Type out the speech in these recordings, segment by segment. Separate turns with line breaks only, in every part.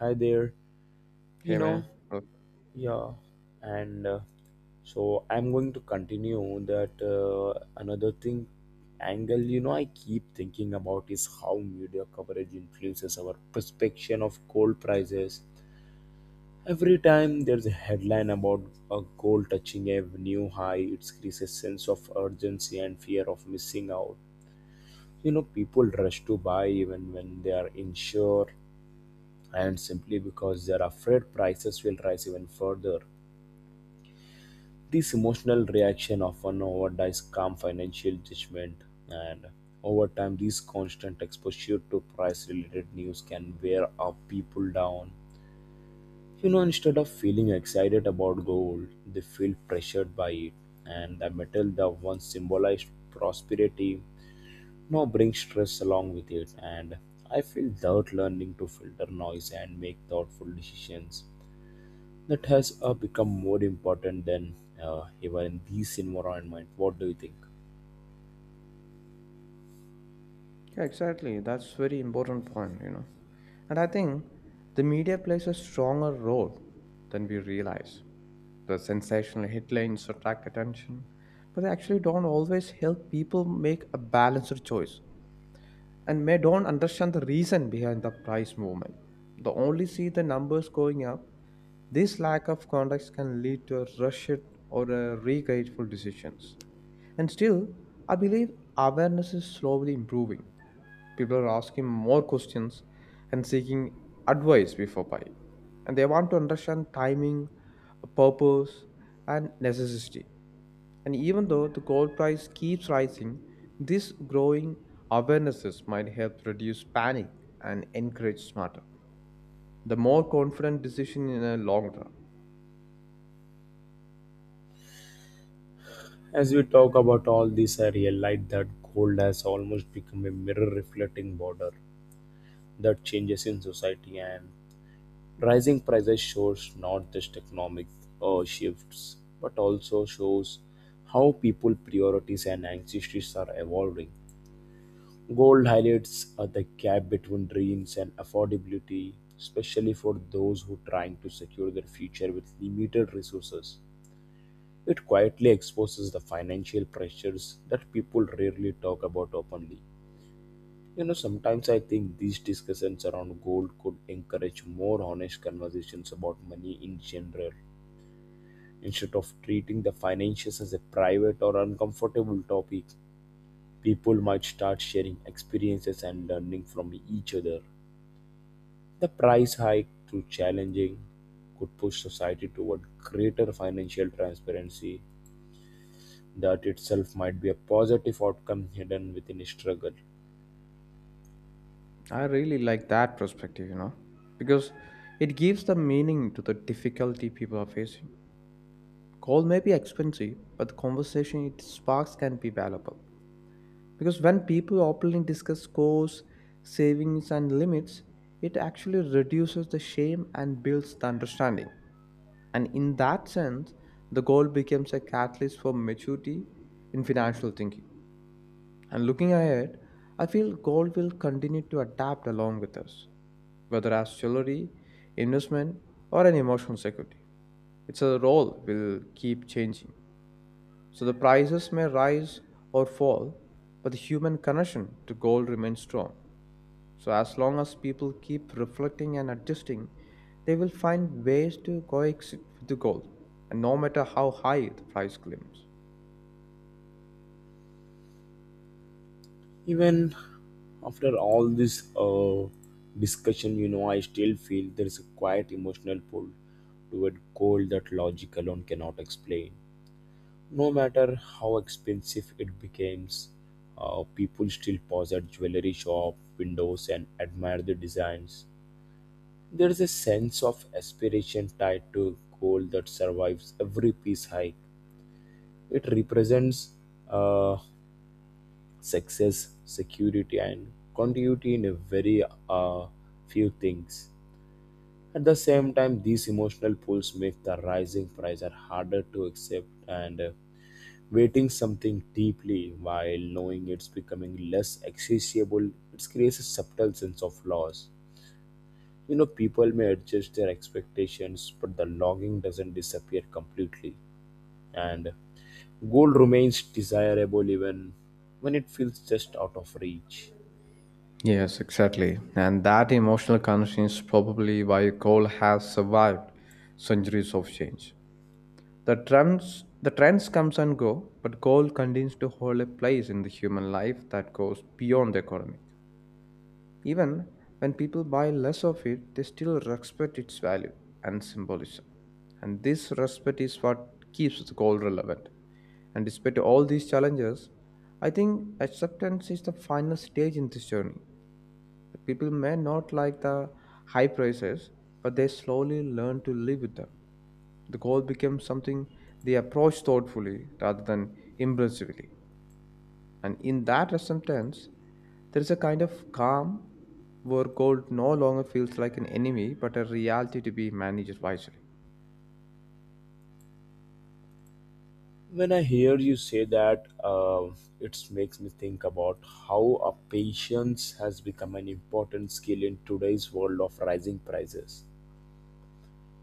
Hi there. You
Hey
know,
man. Look.
yeah, and so I'm going to continue that another thing angle I keep thinking about is how media coverage influences our perception of gold prices. Every time there's a headline about a gold touching a new high, it creates a sense of urgency and fear of missing out. You know, people rush to buy even when they are unsure and simply because they're afraid prices will rise even further. This emotional reaction often overrides calm financial judgment, and over time, this constant exposure to price related news can wear our people down. You know, instead of feeling excited about gold, they feel pressured by it, and the metal that once symbolized prosperity now brings stress along with it. And I feel that learning to filter noise and make thoughtful decisions that has become more important than ever in this environment. What do you think?
Yeah, exactly. That's very important point, you know. And I think the media plays a stronger role than we realize. The sensational headlines attract attention, but they actually don't always help people make a balanced choice and may don't understand the reason behind the price movement. They only see the numbers going up. This lack of context can lead to a rushed or a regretful decisions. And still, I believe awareness is slowly improving. People are asking more questions and seeking advice before buying. And they want to understand timing, purpose, and necessity. And even though the gold price keeps rising, this growing awarenesses might help reduce panic and encourage smarter, the more confident decision in a long run.
As we talk about all this, I realized that gold has almost become a mirror reflecting border that changes in society and rising prices shows not just economic shifts but also shows how people priorities and anxieties are evolving. Gold highlights the gap between dreams and affordability, especially for those who are trying to secure their future with limited resources. It quietly exposes the financial pressures that people rarely talk about openly. You know, sometimes I think these discussions around gold could encourage more honest conversations about money in general. Instead of treating the finances as a private or uncomfortable topic, people might start sharing experiences and learning from each other. The price hike, through challenging, could push society toward greater financial transparency. That itself might be a positive outcome hidden within a struggle.
I really like that perspective, you know, because it gives the meaning to the difficulty people are facing. Call may be expensive, but the conversation it sparks can be valuable. Because when people openly discuss goals, savings, and limits, it actually reduces the shame and builds the understanding. And in that sense, the goal becomes a catalyst for maturity in financial thinking. And looking ahead, I feel gold will continue to adapt along with us, whether as jewelry, investment, or an emotional security. Its a role will keep changing. So the prices may rise or fall, but the human connection to gold remains strong. So as long as people keep reflecting and adjusting, they will find ways to coexist with the gold, and no matter how high the price climbs.
Even after all this discussion, you know, I still feel there is a quiet emotional pull toward gold that logic alone cannot explain. No matter how expensive it becomes, people still pause at jewelry shop windows and admire the designs. There is a sense of aspiration tied to goal that survives every peace hike. It represents uh, success, security, and continuity in a very uh, few things. At the same time, these emotional pulls make the rising price are harder to accept and waiting something deeply while knowing it's becoming less accessible, it creates a subtle sense of loss. You know, people may adjust their expectations, but the longing doesn't disappear completely. And gold remains desirable even when it feels just out of reach.
Yes, exactly. And that emotional connection is probably why gold has survived centuries of change. The trends comes and go, but gold continues to hold a place in the human life that goes beyond the economy. Even when people buy less of it, they still respect its value and symbolism. And this respect is what keeps the gold relevant. And despite all these challenges, I think acceptance is the final stage in this journey. The people may not like the high prices, but they slowly learn to live with them. The goal becomes something they approach thoughtfully rather than impulsively. And in that acceptance, there is a kind of calm where gold no longer feels like an enemy but a reality to be managed wisely.
When I hear you say that, it makes me think about how a patience has become an important skill in today's world of rising prices.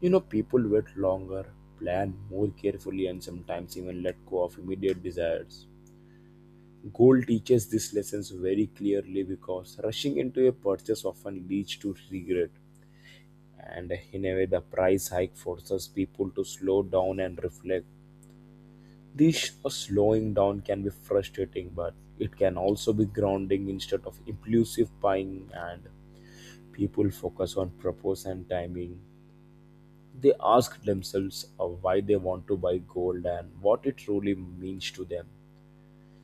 You know, people wait longer, plan more carefully, and sometimes even let go of immediate desires. Gold teaches these lessons very clearly because rushing into a purchase often leads to regret, and in a way, the price hike forces people to slow down and reflect. This slowing down can be frustrating, but it can also be grounding instead of impulsive buying, and people focus on purpose and timing. They ask themselves why they want to buy gold and what it truly means to them.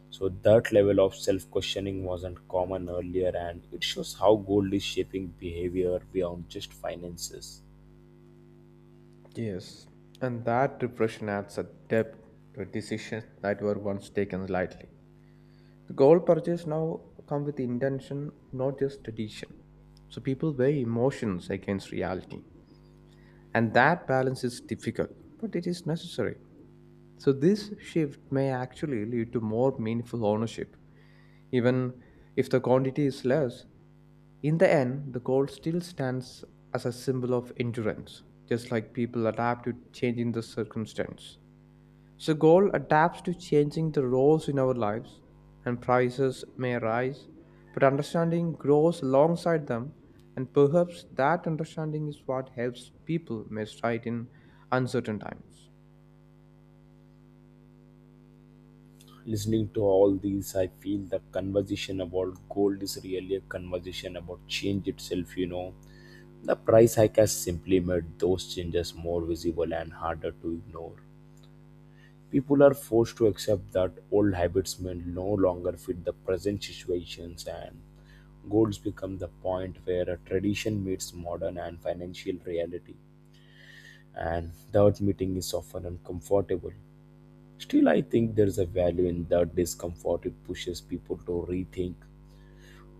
So that level of self-questioning wasn't common earlier, and it shows how gold is shaping behavior beyond just finances.
Yes, and that depression adds a depth to decisions that were once taken lightly. The gold purchase now come with intention, not just tradition. So people weigh emotions against reality, and that balance is difficult, but it is necessary. So this shift may actually lead to more meaningful ownership, even if the quantity is less. In the end, the goal still stands as a symbol of endurance, just like people adapt to changing the circumstance. So, goal adapts to changing the roles in our lives, and prices may rise, but understanding grows alongside them, and perhaps that understanding is what helps people misride in uncertain times.
Listening to all these, I feel the conversation about gold is really a conversation about change itself, you know. The price hike has simply made those changes more visible and harder to ignore. People are forced to accept that old habits may no longer fit the present situations, and goals become the point where a tradition meets modern and financial reality, and that meeting is often uncomfortable. Still, I think there's a value in that discomfort. It pushes people to rethink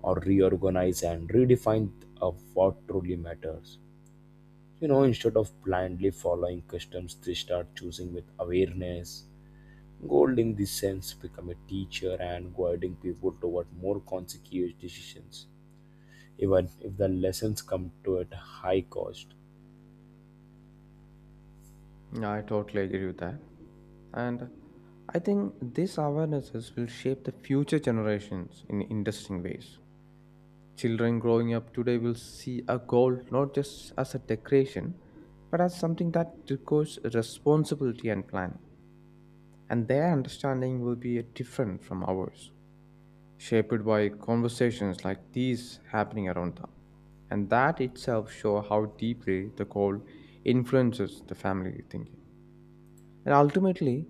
or reorganize and redefine of what truly matters. You know, instead of blindly following customs, they start choosing with awareness. Gold, in this sense, become a teacher and guiding people toward more conscious decisions, even if the lessons come to at high cost.
Yeah, I totally agree with that. And I think these awarenesses will shape the future generations in interesting ways. Children growing up today will see a goal not just as a decoration, but as something that requires responsibility and planning. And their understanding will be different from ours, shaped by conversations like these happening around them. And that itself shows how deeply the goal influences the family thinking. And ultimately,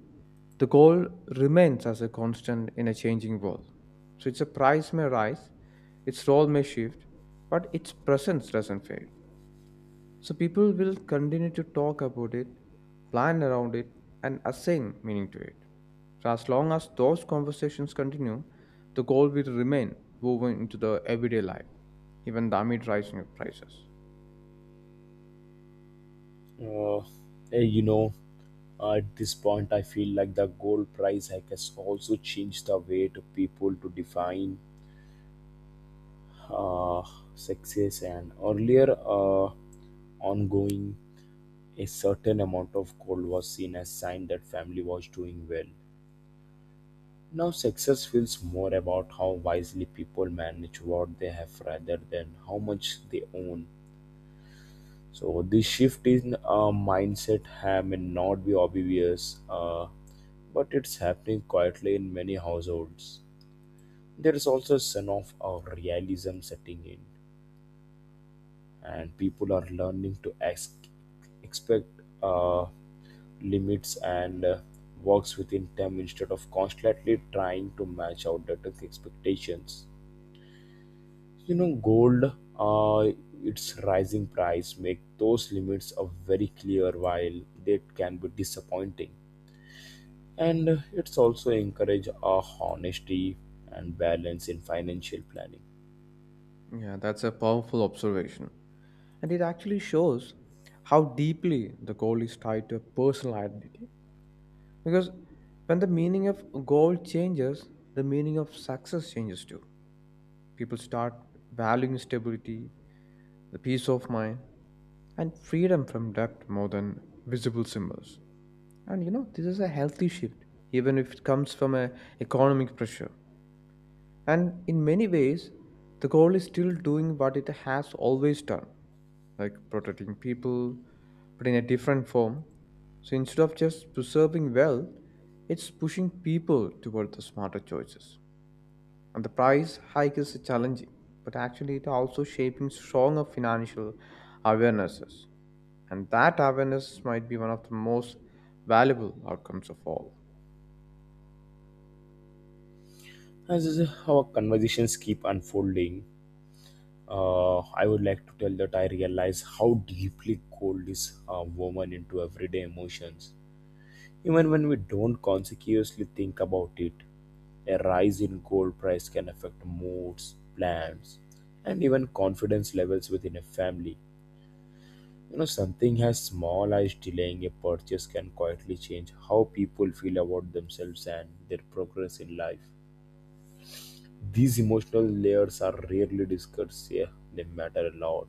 the goal remains as a constant in a changing world. So its a price may rise, its role may shift, but its presence doesn't fade. So people will continue to talk about it, plan around it, and assign meaning to it. So as long as those conversations continue, the goal will remain woven into the everyday life, even amid rising of prices.
Uh, eh, you know, at this point, I feel like the gold price hike has also changed the way to people to define uh, success. And earlier, ongoing a certain amount of gold was seen as sign that family was doing well. Now, success feels more about how wisely people manage what they have rather than how much they own. So this shift in mindset may not be obvious, but it's happening quietly in many households. There is also a sense of realism setting in, and people are learning to ask, expect uh, limits and works within them instead of constantly trying to match out the expectations. You know, gold, uh, its rising price make those limits a very clear while they can be disappointing. And it's also encourage our honesty and balance in financial planning.
Yeah, that's a powerful observation. And it actually shows how deeply the goal is tied to a personal identity. Because when the meaning of goal changes, the meaning of success changes too. People start valuing stability, the peace of mind, and freedom from debt more than visible symbols. And you know, this is a healthy shift, even if it comes from a economic pressure. And in many ways, the goal is still doing what it has always done, like protecting people, but in a different form. So instead of just preserving wealth, it's pushing people toward the smarter choices. And the price hike is challenging, but actually it also shaping stronger financial awarenesses. And that awareness might be one of the most valuable outcomes of all.
As our conversations keep unfolding, I would like to tell that I realize how deeply gold is woven into everyday emotions, even when we don't consciously think about it. A rise in gold price can affect moods, plans, and even confidence levels within a family. You know, something as small as delaying a purchase can quietly change how people feel about themselves and their progress in life. These emotional layers are rarely discussed, yeah, they matter a lot.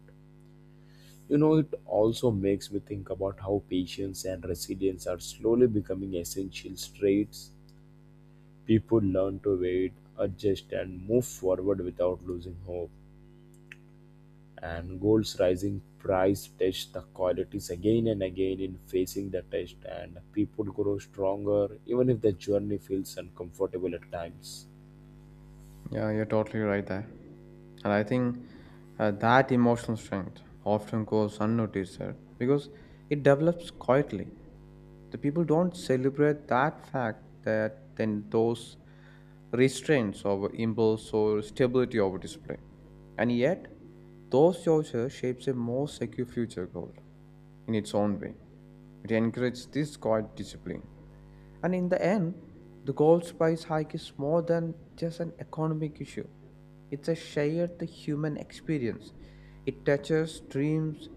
You know, it also makes me think about how patience and resilience are slowly becoming essential traits. People learn to wait, adjust, and move forward without losing hope, and gold's rising price tests the qualities again and again. In facing the test and people grow stronger even if the journey feels uncomfortable at times.
Yeah, you're totally right there. And I think that emotional strength often goes unnoticed there because it develops quietly. The people don't celebrate that fact that then those restraints over impulse or stability over display. And yet, those choices shapes a more secure future goal in its own way. It encourages this quiet discipline. And in the end, the gold price hike is more than just an economic issue. It's a shared human experience. It touches dreams,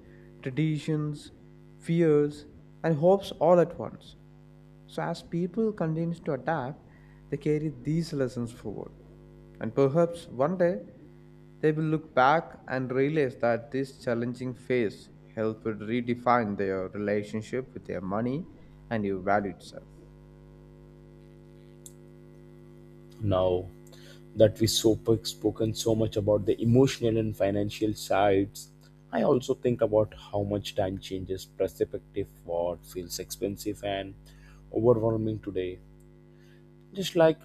traditions, fears, and hopes all at once. So as people continue to adapt, they carry these lessons forward and perhaps one day they will look back and realize that this challenging phase helped redefine their relationship with their money and your value itself.
Now that we so spoken so much about the emotional and financial sides, I also think about how much time changes perspective. What feels expensive and overwhelming today, just like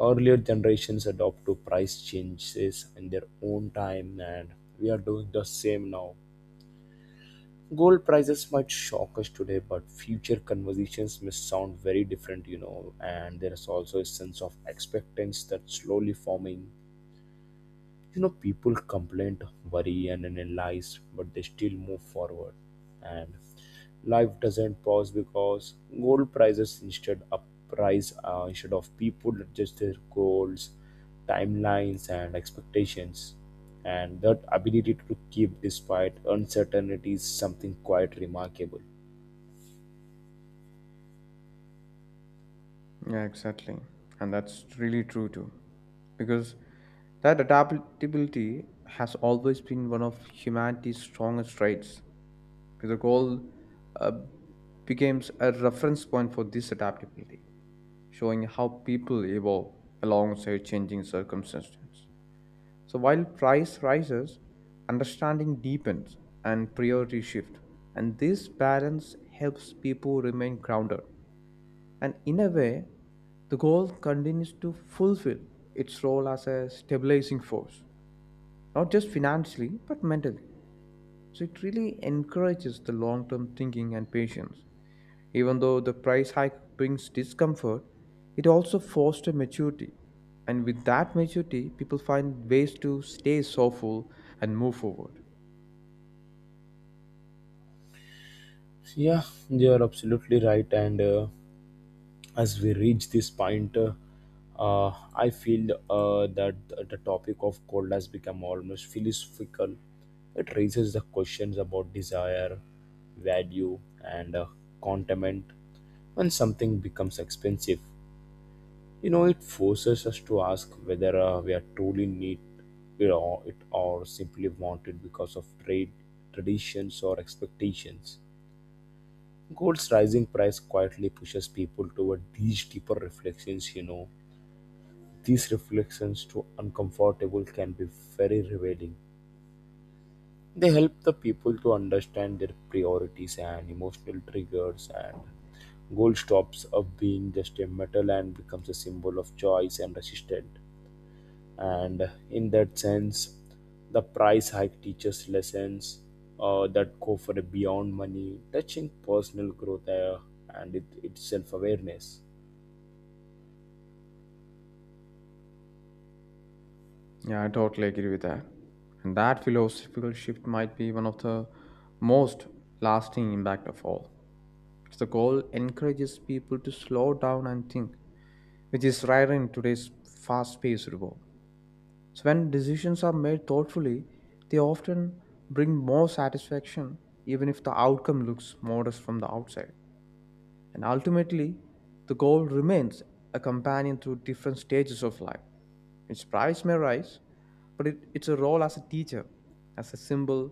earlier generations adopt to price changes in their own time, and we are doing the same now. Gold prices might shock us today, but future conversations may sound very different, you know. And there is also a sense of expectance that's slowly forming. You know, people complain, worry and analyze, but they still move forward, and life doesn't pause because gold prices instead up price instead of people adjust their goals, timelines and expectations. And that ability to keep despite uncertainty is something quite remarkable.
Yeah, exactly. And that's really true too. Because that adaptability has always been one of humanity's strongest traits. The goal uh, becomes a reference point for this adaptability, showing how people evolve alongside changing circumstances. So while price rises, understanding deepens and priority shift. And this balance helps people remain grounded. And in a way, the goal continues to fulfill its role as a stabilizing force, not just financially, but mentally. So it really encourages the long term thinking and patience. Even though the price hike brings discomfort, it also fosters maturity. And with that maturity, people find ways to stay soulful and move forward.
Yeah, you're absolutely right, and as we reach this point uh, I feel that the topic of gold has become almost philosophical. It raises the questions about desire, value, and contentment. When something becomes expensive, you know, it forces us to ask whether we are truly need, you know, it or simply want it because of trade traditions or expectations. Gold's rising price quietly pushes people toward these deeper reflections, you know. These reflections, to uncomfortable, can be very revealing. They help the people to understand their priorities and emotional triggers, and gold stops up being just a metal and becomes a symbol of choice and resistance. And in that sense, the price hike teaches lessons that go for beyond money, touching personal growth, and it, its self-awareness.
Yeah, I totally agree with that. And that philosophical shift might be one of the most lasting impact of all. Because the goal encourages people to slow down and think, which is rare in today's fast-paced world. So when decisions are made thoughtfully, they often bring more satisfaction, even if the outcome looks modest from the outside. And ultimately, the goal remains a companion through different stages of life. Its price may rise, but it, its a role as a teacher, as a symbol,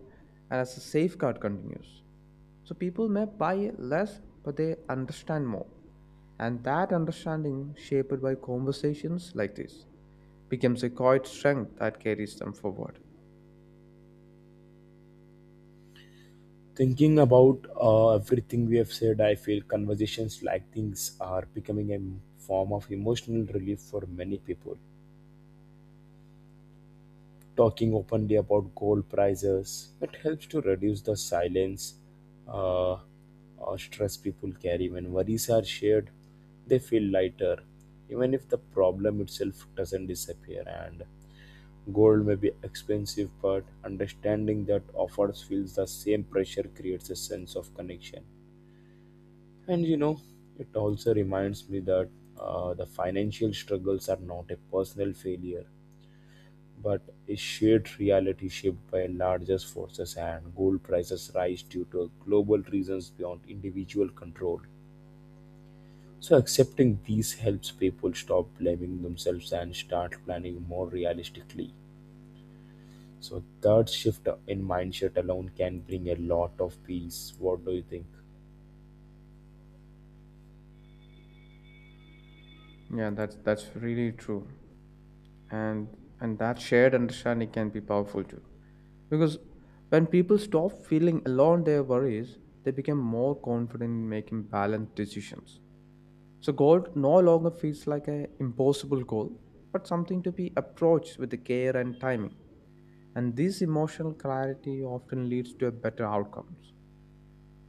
and as a safeguard continues. So people may buy less, but they understand more. And that understanding, shaped by conversations like this, becomes a quiet strength that carries them forward.
Thinking about everything we have said, I feel conversations like these are becoming a form of emotional relief for many people talking openly about gold prices. It helps to reduce the silence uh, or stress people carry. When worries are shared, they feel lighter, even if the problem itself doesn't disappear. And gold may be expensive, but understanding that offers feels the same pressure creates a sense of connection. And you know, it also reminds me that the financial struggles are not a personal failure but a shared reality shaped by larger forces, and gold prices rise due to global reasons beyond individual control. So accepting these helps people stop blaming themselves and start planning more realistically. So that shift in mindset alone can bring a lot of peace. What do you think?
Yeah, that's really true. And and that shared understanding can be powerful too. Because when people stop feeling alone their worries, they become more confident in making balanced decisions. So goal no longer feels like an impossible goal, but something to be approached with the care and timing. And this emotional clarity often leads to a better outcomes.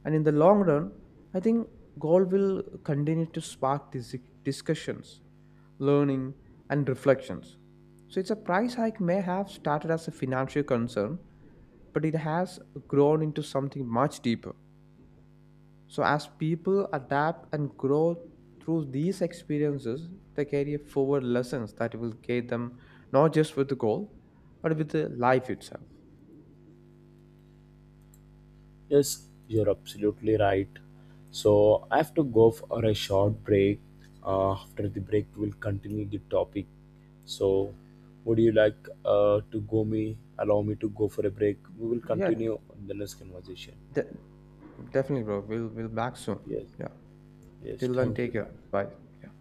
And in the long run, I think goal will continue to spark these discussions learning, and reflections. So, it's a price hike may have started as a financial concern, but it has grown into something much deeper. So, as people adapt and grow through these experiences, they carry forward lessons that will guide them not just with the goal, but with the life itself.
Yes, you're absolutely right. So I have to go for a short break. After the break, we'll continue the topic. So, would you like to go me? Allow me to go for a break. We will
Yeah,
continue on the next conversation.
de- definitely, bro. We'll back soon.
Yes,
Yeah.
yes.
Till then,
Thank you.
take
Bye.
care. Bye. Yeah.